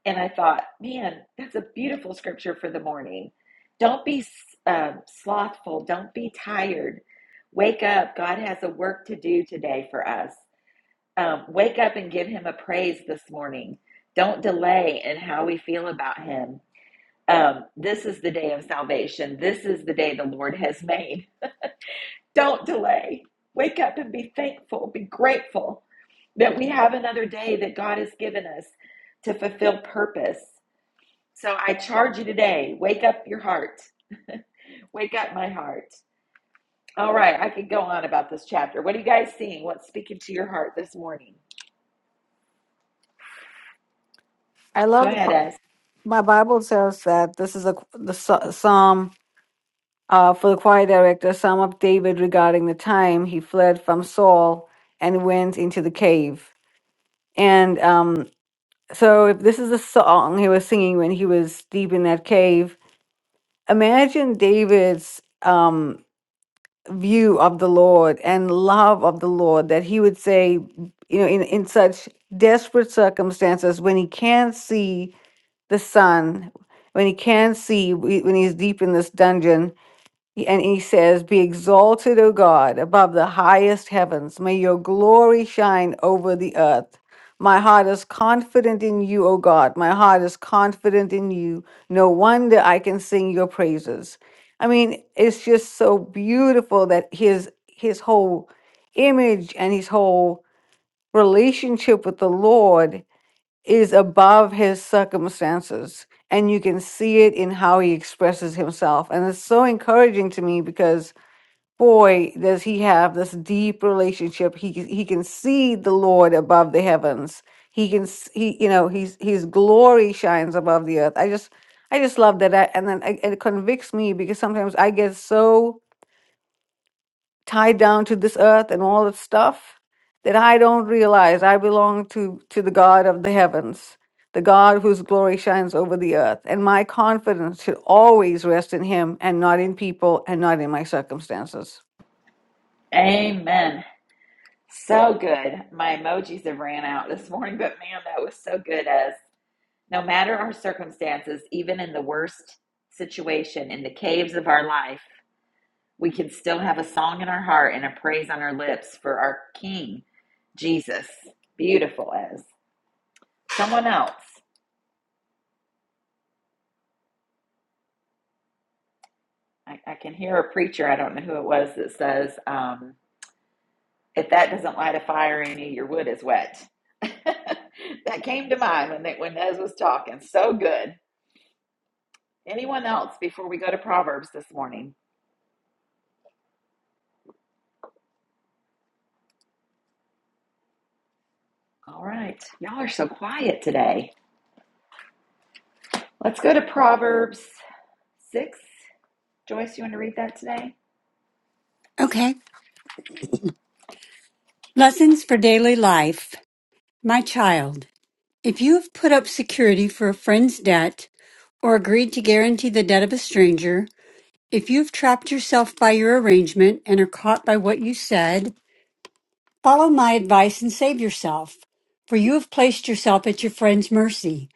[SPEAKER 1] And I thought, man, that's a beautiful scripture for the morning. Don't be um, slothful. Don't be tired. Wake up. God has a work to do today for us. Um, wake up and give Him a praise this morning. Don't delay in how we feel about Him. Um, this is the day of salvation. This is the day the Lord has made. Don't delay. Wake up and be thankful. Be grateful that we have another day that God has given us to fulfill purpose so I charge you today. Wake up your heart. Wake up my heart. All right, I could go on about this chapter. What are you guys seeing? What's speaking to your heart this morning?
[SPEAKER 3] I
[SPEAKER 1] Go
[SPEAKER 3] love the
[SPEAKER 1] ahead,
[SPEAKER 3] pa-
[SPEAKER 1] Es.
[SPEAKER 3] my Bible says that this is a the Psalm Uh, for the choir director, Psalm of David regarding the time he fled from Saul and went into the cave. And um, so, if this is a song he was singing when he was deep in that cave, imagine David's um, view of the Lord and love of the Lord that he would say, you know, in, in such desperate circumstances when he can't see the sun, when he can't see, when he's deep in this dungeon And he says, Be exalted, O God, above the highest heavens. May your glory shine over the earth. My heart is confident in you, O God. My heart is confident in you. No wonder I can sing your praises. I mean, it's just so beautiful that his his whole image and his whole relationship with the Lord is above his circumstances. And you can see it in how he expresses himself. And it's so encouraging to me because, boy, does he have this deep relationship. He, he can see the Lord above the heavens. He can, s- he, you know, he's, his glory shines above the earth. I just, I just love that. I, and then I, it convicts me because sometimes I get so tied down to this earth and all its stuff that I don't realize I belong to to the God of the heavens, the God whose glory shines over the earth, and my confidence should always rest in Him and not in people and not in my circumstances.
[SPEAKER 1] Amen. So good. My emojis have ran out this morning, but man, that was so good, Es. No matter our circumstances, even in the worst situation, in the caves of our life, we can still have a song in our heart and a praise on our lips for our King, Jesus. Beautiful, Es. Someone else. I, I can hear a preacher, I don't know who it was, that says, um, if that doesn't light a fire in you, your wood is wet. that came to mind when they, when Nez was talking. So good. Anyone else before we go to Proverbs this morning? All right. Y'all are so quiet today. Let's go to Proverbs 6. Joyce, you want to read that today?
[SPEAKER 5] Okay. Lessons for daily life. My child, if you have put up security for a friend's debt or agreed to guarantee the debt of a stranger, if you've trapped yourself by your arrangement and are caught by what you said, follow my advice and save yourself, for you have placed yourself at your friend's mercy.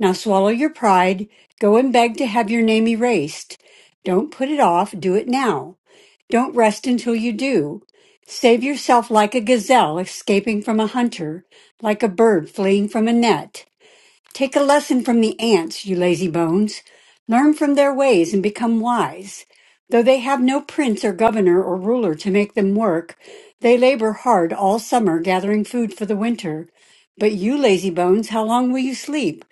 [SPEAKER 5] Now swallow your pride. Go and beg to have your name erased. Don't put it off. Do it now. Don't rest until you do. Save yourself like a gazelle escaping from a hunter, like a bird fleeing from a net. Take a lesson from the ants, you lazy bones. Learn from their ways and become wise. Though they have no prince or governor or ruler to make them work, they labor hard all summer gathering food for the winter. But you lazy bones, how long will you sleep?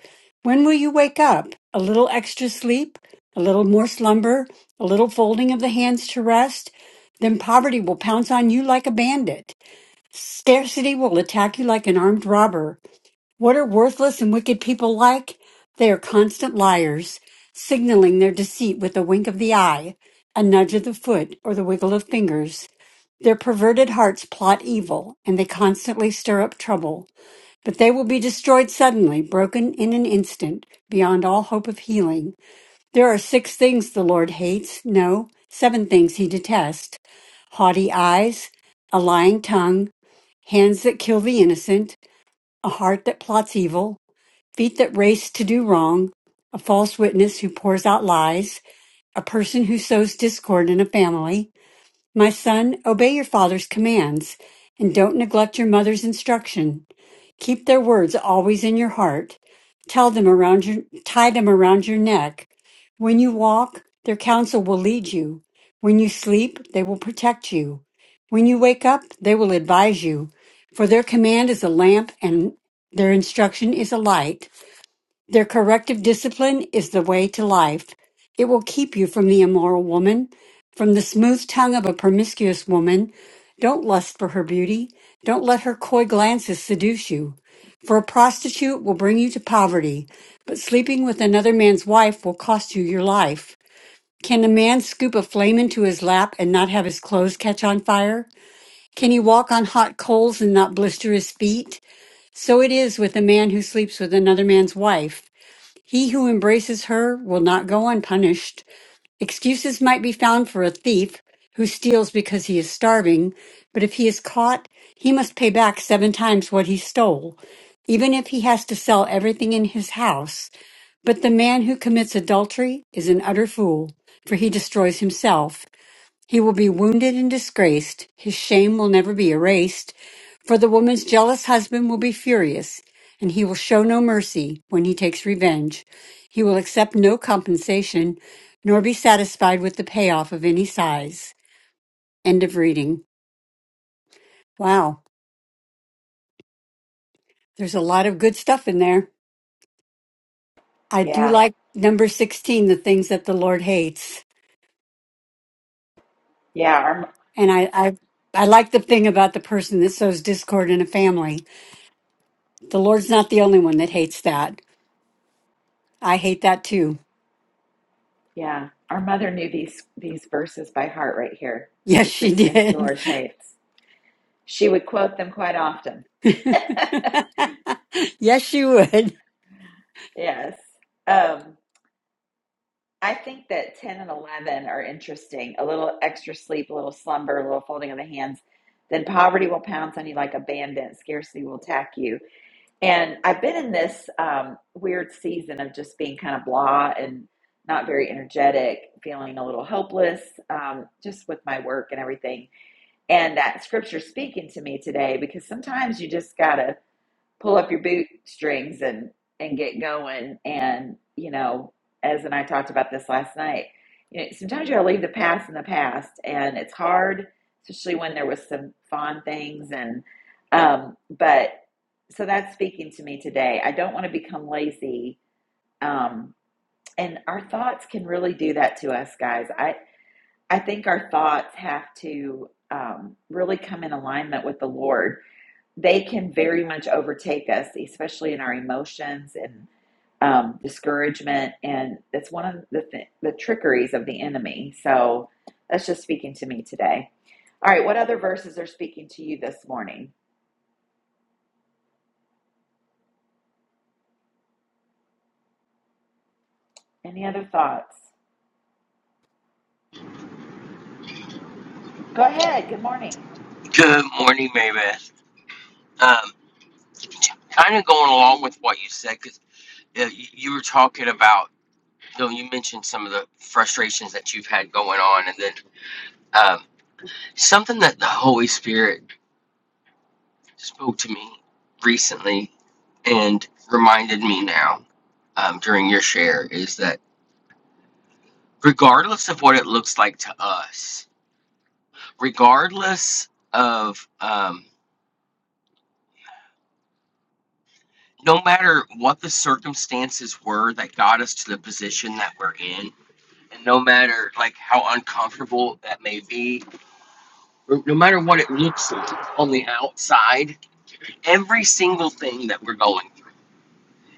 [SPEAKER 5] When will you wake up? A little extra sleep? A little more slumber? A little folding of the hands to rest? Then poverty will pounce on you like a bandit. Scarcity will attack you like an armed robber. What are worthless and wicked people like? They are constant liars, signaling their deceit with a wink of the eye, a nudge of the foot, or the wiggle of fingers. Their perverted hearts plot evil, and they constantly stir up trouble. But they will be destroyed suddenly, broken in an instant, beyond all hope of healing. There are six things the Lord hates, no, seven things he detests haughty eyes, a lying tongue, hands that kill the innocent, a heart that plots evil feet that race to do wrong, a false witness who pours out lies, a person who sows discord in a family. My son, obey your father's commands and don't neglect your mother's instruction. Keep their words always in your heart. Tell them around your, tie them around your neck. When you walk, their counsel will lead you. When you sleep, they will protect you. When you wake up, they will advise you. For their command is a lamp and their instruction is a light. Their corrective discipline is the way to life. It will keep you from the immoral woman, from the smooth tongue of a promiscuous woman. Don't lust for her beauty. Don't let her coy glances seduce you. For a prostitute will bring you to poverty, but sleeping with another man's wife will cost you your life. Can a man scoop a flame into his lap and not have his clothes catch on fire? Can he walk on hot coals and not blister his feet? So it is with a man who sleeps with another man's wife. He who embraces her will not go unpunished. Excuses might be found for a thief who steals because he is starving, but if he is caught, he must pay back seven times what he stole, even if he has to sell everything in his house. But the man who commits adultery is an utter fool, for he destroys himself. He will be wounded and disgraced. His shame will never be erased. For the woman's jealous husband will be furious, and he will show no mercy when he takes revenge. He will accept no compensation, nor be satisfied with the payoff of any size. End of reading. Wow, there's a lot of good stuff in there. I do
[SPEAKER 1] Yeah.
[SPEAKER 5] like number 16, the things that the Lord hates.
[SPEAKER 1] Yeah. Our,
[SPEAKER 5] And I, I, I like the thing about the person that sows discord in a family. The Lord's not the only one that hates that. I hate that too.
[SPEAKER 1] yeah. Our mother knew these, these verses by heart right here.
[SPEAKER 5] Yes,
[SPEAKER 1] The
[SPEAKER 5] she
[SPEAKER 1] six things the
[SPEAKER 5] did.
[SPEAKER 1] Lord hates. She would quote them quite often.
[SPEAKER 5] yes, she would.
[SPEAKER 1] Yes. Um, I think that 10 and 11 are interesting. A little extra sleep, a little slumber, a little folding of the hands. Then poverty will pounce on you like a bandit, scarcity will attack you. And I've been in this um, weird season of just being kind of blah and not very energetic, feeling a little helpless, um, just with my work and everything. And that scripture speaking to me today, because sometimes you just gotta pull up your bootstrings and and get going and you know as and i talked about this last night you know sometimes you gotta leave the past in the past and it's hard especially when there was some fond things and um but so that's speaking to me today i don't want to become lazy um and our thoughts can really do that to us guys i i think our thoughts have to um, really come in alignment with the lord they can very much overtake us, especially in our emotions and um, discouragement. And it's one of the, th- the trickeries of the enemy. So that's just speaking to me today. All right, what other verses are speaking to you this morning? Any other thoughts? Go ahead. Good morning.
[SPEAKER 8] Good morning, Maybeth. Um, kind of going along with what you said, because uh, you, you were talking about, you know, you mentioned some of the frustrations that you've had going on, and then um, something that the Holy Spirit spoke to me recently and reminded me now um, during your share is that regardless of what it looks like to us, regardless of um, no matter what the circumstances were that got us to the position that we're in And no matter like how uncomfortable that may be, or no matter what it looks like on the outside, every single thing that we're going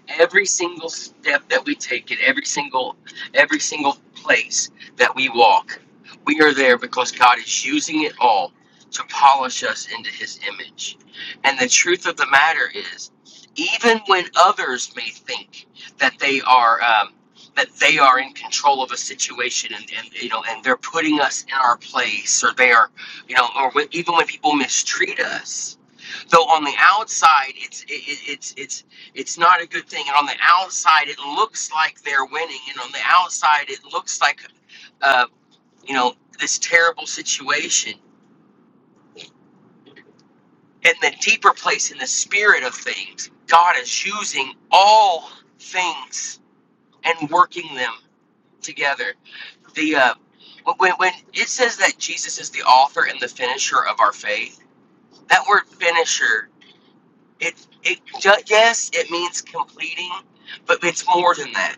[SPEAKER 8] every single step that we take in every single every single place that we walk we are there because god is using it all to polish us into his image and the truth of the matter is even when others may think that they are um, that they are in control of a situation and, and you know and they're putting us in our place or they are you know or when, even when people mistreat us so on the outside, it's it, it- it's it's it's not a good thing. And on the outside, it looks like they're winning, and on the outside, it looks like, uh, you know, this terrible situation. In the deeper place, in the spirit of things, God is using all things and working them together. The uh, when when it says that Jesus is the author and the finisher of our faith, that word "finisher" It, it ju- yes, it means completing, but it's more than that.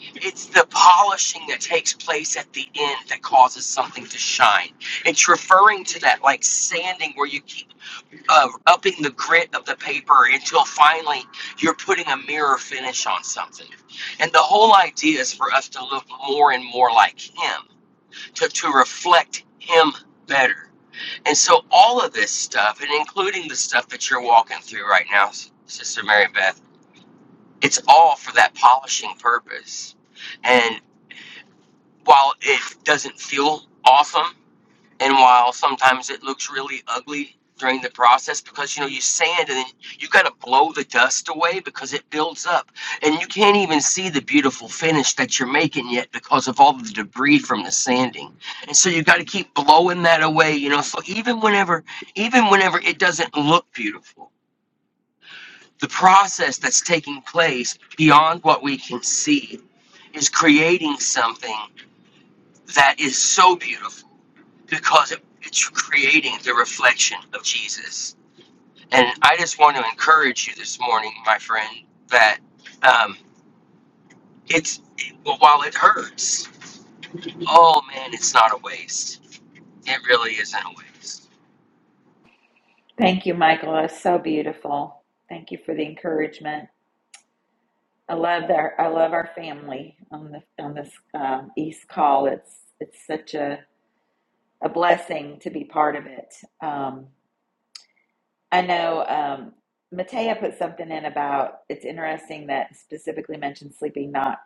[SPEAKER 8] It's the polishing that takes place at the end that causes something to shine. It's referring to that like sanding where you keep uh, upping the grit of the paper until finally you're putting a mirror finish on something. And the whole idea is for us to look more and more like Him, to, to reflect Him better. And so all of this stuff, and including the stuff that you're walking through right now, Sister Mary Beth, it's all for that polishing purpose. And while it doesn't feel awesome, and while sometimes it looks really ugly during the process because you know you sand and then you got to blow the dust away because it builds up and you can't even see the beautiful finish that you're making yet because of all the debris from the sanding. And so you got to keep blowing that away, you know. So even whenever even whenever it doesn't look beautiful, the process that's taking place beyond what we can see is creating something that is so beautiful because it, it's creating the reflection of Jesus. And I just want to encourage you this morning, my friend, that um, it's well, while it hurts, oh man, it's not a waste. It really isn't a waste.
[SPEAKER 1] Thank you, Michael. That's so beautiful. Thank you for the encouragement. I love our I love our family on the on this um, East call. It's it's such a a blessing to be part of it. Um, I know um, Matea put something in about it's interesting that specifically mentioned sleeping not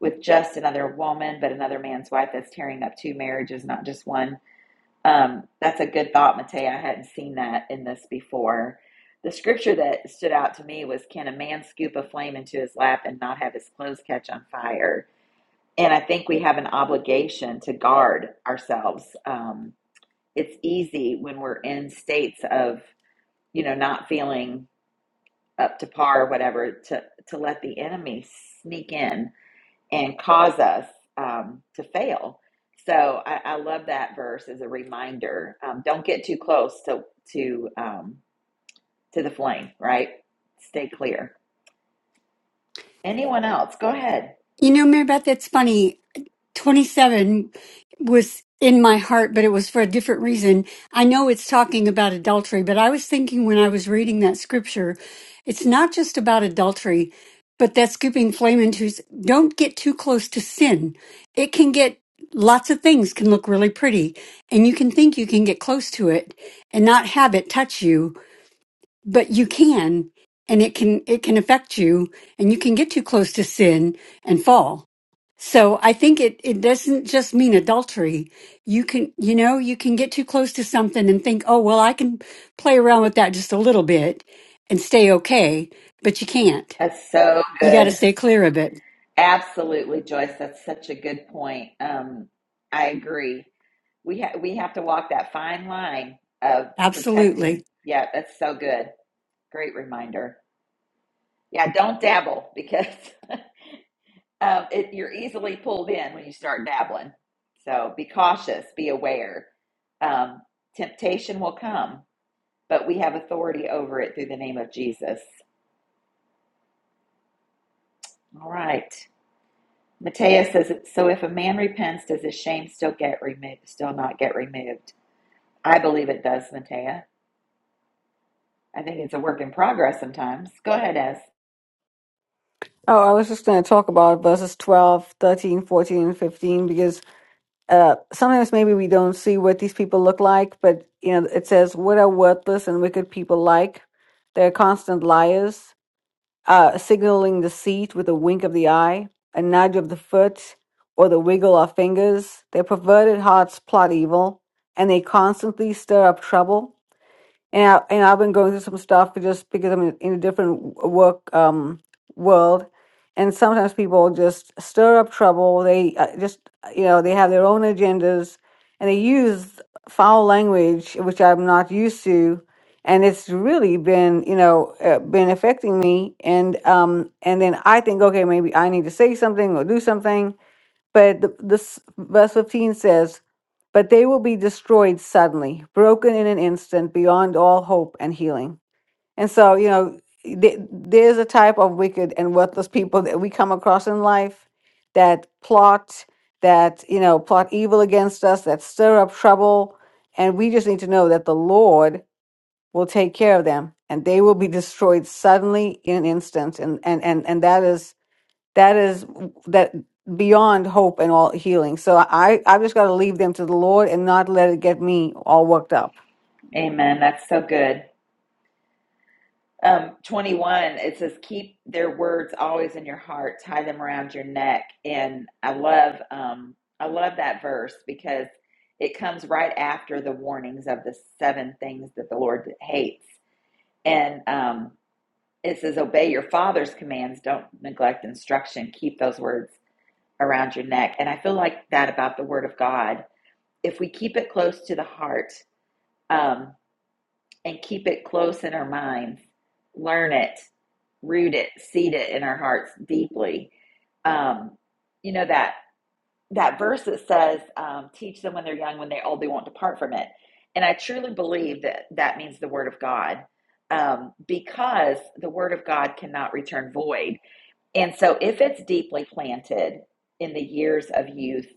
[SPEAKER 1] with just another woman, but another man's wife that's tearing up two marriages, not just one. Um, that's a good thought, Matea. I hadn't seen that in this before. The scripture that stood out to me was Can a man scoop a flame into his lap and not have his clothes catch on fire? And I think we have an obligation to guard ourselves. Um, it's easy when we're in states of, you know, not feeling up to par or whatever to to let the enemy sneak in and cause us um, to fail. So I, I love that verse as a reminder. Um, don't get too close to to um, to the flame, right? Stay clear. Anyone else? Go ahead.
[SPEAKER 5] You know, Mary Beth, that's funny. 27 was in my heart, but it was for a different reason. I know it's talking about adultery, but I was thinking when I was reading that scripture, it's not just about adultery, but that scooping flame into don't get too close to sin. It can get lots of things can look really pretty and you can think you can get close to it and not have it touch you, but you can and it can it can affect you and you can get too close to sin and fall so I think it, it doesn't just mean adultery. You can, you know, you can get too close to something and think, oh, well, I can play around with that just a little bit and stay okay, but you can't.
[SPEAKER 1] That's so
[SPEAKER 5] You got to
[SPEAKER 1] good.
[SPEAKER 5] stay clear of it.
[SPEAKER 1] Absolutely, Joyce. That's such a good point. Um, I agree. We ha- we have to walk that fine line of
[SPEAKER 5] Absolutely.
[SPEAKER 1] protecting. Yeah, that's so good. Great reminder. Yeah, don't dabble because um, it, you're easily pulled in when you start dabbling. So be cautious, be aware. Um, temptation will come, but we have authority over it through the name of Jesus. All right. Matthias says, "So if a man repents, does his shame still get removed? Still not get removed? I believe it does, Matea. I think it's a work in progress sometimes. Go ahead, Ez.
[SPEAKER 3] Oh, I was just going to talk about verses 12, 13, 14, and 15 because uh, sometimes maybe we don't see what these people look like, but you know, it says, "What are worthless and wicked people like? They're constant liars." uh, signaling the seat with a wink of the eye, a nudge of the foot, or the wiggle of fingers. Their perverted hearts plot evil, and they constantly stir up trouble and I, and I've been going through some stuff just because I'm in, in a different w- work um, world, and sometimes people just stir up trouble. They uh, just uh, you know they have their own agendas, and they use foul language which I'm not used to, and it's really been you know uh, been affecting me. And um and then I think okay maybe I need to say something or do something, but the, this verse 15 says, But they will be destroyed suddenly, broken in an instant, beyond all hope and healing. And so, you know, th- there's a type of wicked and worthless people that we come across in life that plot, that, you know, plot evil against us, that stir up trouble. And we just need to know that the Lord will take care of them and they will be destroyed suddenly in an instant. And, and, and, and that is that is that beyond hope and all healing. So I I've just got to leave them to the Lord and not let it get me all worked up.
[SPEAKER 1] Amen. That's so good. Um, 21, it says, keep their words always in your heart, tie them around your neck. And I love, um, I love that verse because it comes right after the warnings of the seven things that the Lord hates. And um, it says, obey your father's commands, don't neglect instruction, keep those words around your neck. And I feel like that about the word of God. If we keep it close to the heart, um, and keep it close in our minds. Learn it, root it, seed it in our hearts deeply. Um, you know that that verse that says, um, "Teach them when they're young; when they're old, they won't depart from it." And I truly believe that that means the Word of God, um, because the Word of God cannot return void. And so, if it's deeply planted in the years of youth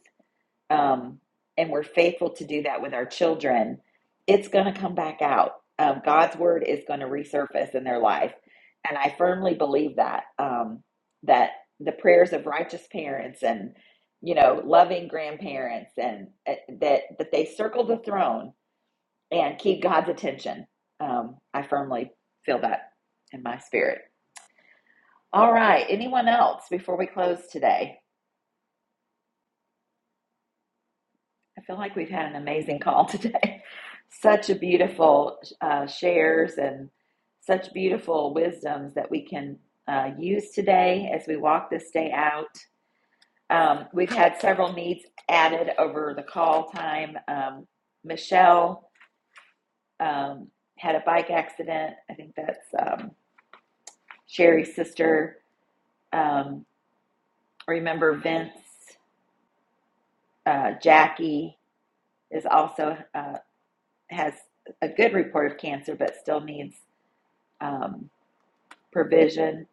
[SPEAKER 1] um, and we're faithful to do that with our children, it's going to come back out. Um, God's word is going to resurface in their life, and I firmly believe that um, that the prayers of righteous parents and you know loving grandparents and uh, that that they circle the throne and keep God's attention. Um, I firmly feel that in my spirit. All right, anyone else before we close today? I feel like we've had an amazing call today. Such a beautiful uh, shares and such beautiful wisdoms that we can uh, use today as we walk this day out. Um, we've had several needs added over the call time. Um, Michelle um, had a bike accident. I think that's um, Sherry's sister. Um, remember Vince, uh, Jackie is also uh, has a good report of cancer, but still needs um, provision.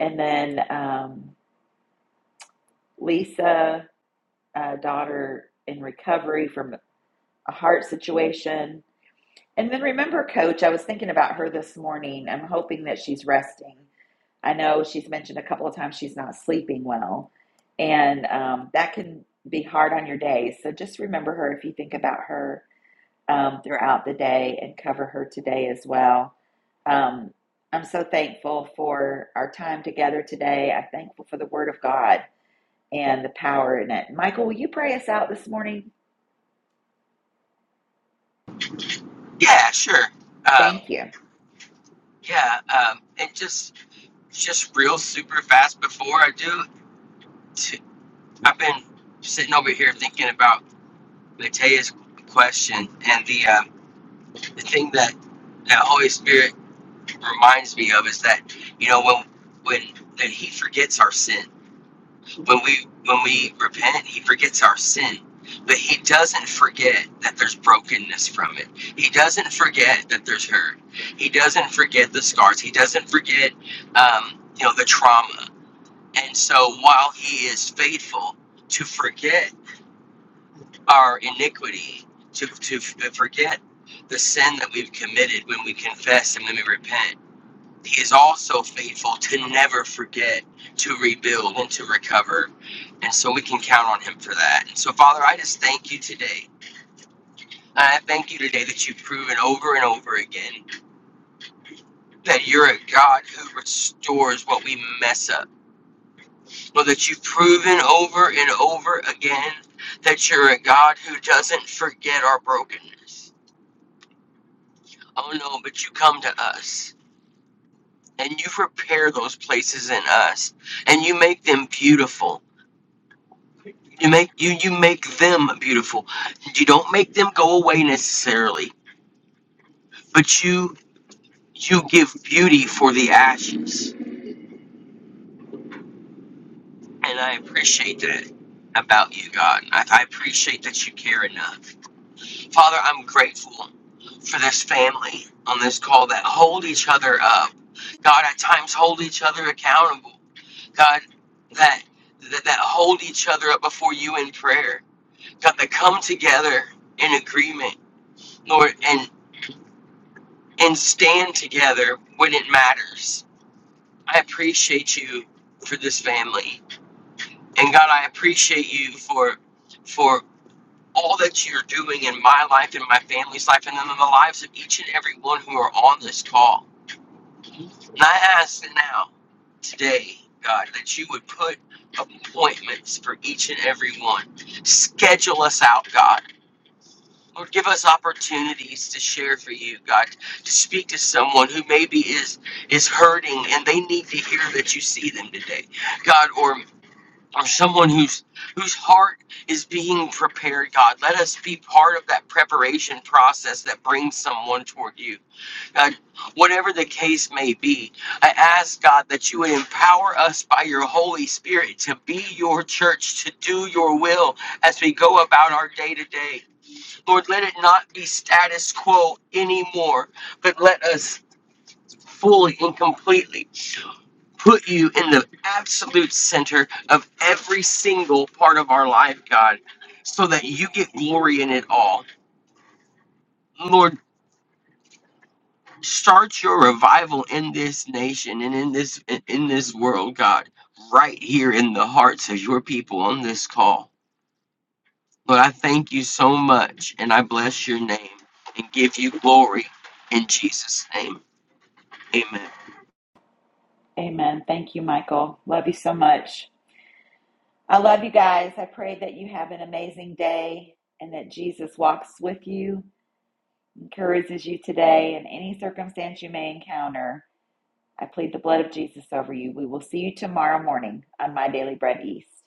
[SPEAKER 1] And then um, Lisa, uh, daughter in recovery from a heart situation. And then remember, Coach, I was thinking about her this morning. I'm hoping that she's resting. I know she's mentioned a couple of times she's not sleeping well, and um, that can be hard on your day. So just remember her if you think about her um, throughout the day and cover her today as well. Um, I'm so thankful for our time together today. I'm thankful for the Word of God and the power in it. Michael, will you pray us out this morning?
[SPEAKER 8] Yeah, sure. Um,
[SPEAKER 1] Thank you.
[SPEAKER 8] yeah, um, and just just real super fast before I do, t- I've been sitting over here thinking about Matea's question and the uh, the thing that the Holy Spirit reminds me of is that you know when when that he forgets our sin when we when we repent he forgets our sin but he doesn't forget that there's brokenness from it he doesn't forget that there's hurt he doesn't forget the scars he doesn't forget um, you know the trauma and so while he is faithful to forget our iniquity to, to forget the sin that we've committed when we confess and when we repent he is also faithful to never forget to rebuild and to recover. And so we can count on him for that. And so, Father, I just thank you today. I thank you today that you've proven over and over again that you're a God who restores what we mess up. Lord, that you've proven over and over again that you're a God who doesn't forget our brokenness. Oh no, but you come to us and you repair those places in us and you make them beautiful You make you you make them beautiful. You don't make them go away necessarily, but you you give beauty for the ashes, and I appreciate that about you, God. I, I appreciate that you care enough, Father. I'm grateful for this family on this call that hold each other up. God, at times hold each other accountable. God, that that, that hold each other up before you in prayer. God, that come together in agreement. Lord, and. and stand together when it matters. I appreciate you for this family. And God, I appreciate you for for all that you're doing in my life and my family's life and in the lives of each and every one who are on this call. And I ask now, today, God, that you would put appointments for each and every one. Schedule us out, God Lord, give us opportunities to share for you, God, to speak to someone who maybe is is hurting and they need to hear that you see them today, God, or or someone whose whose heart is being prepared, God. Let us be part of that preparation process that brings someone toward you, God. Whatever the case may be, I ask God that you would empower us by your Holy Spirit to be your church, to do your will as we go about our day to day. Lord, let it not be status quo anymore, but let us fully and completely put you in the absolute center of every single part of our life, God, so that you get glory in it all. Lord, start your revival in this nation and in this in this world, God, right here in the hearts of your people on this call. Lord, I thank you so much and I bless your name and give you glory in Jesus' name. Amen.
[SPEAKER 1] Amen. Thank you, Michael. Love you so much. I love you guys. I pray that you have an amazing day and that Jesus walks with you, encourages you today in any circumstance you may encounter. I plead the blood of Jesus over you. We will see you tomorrow morning on My Daily Bread East.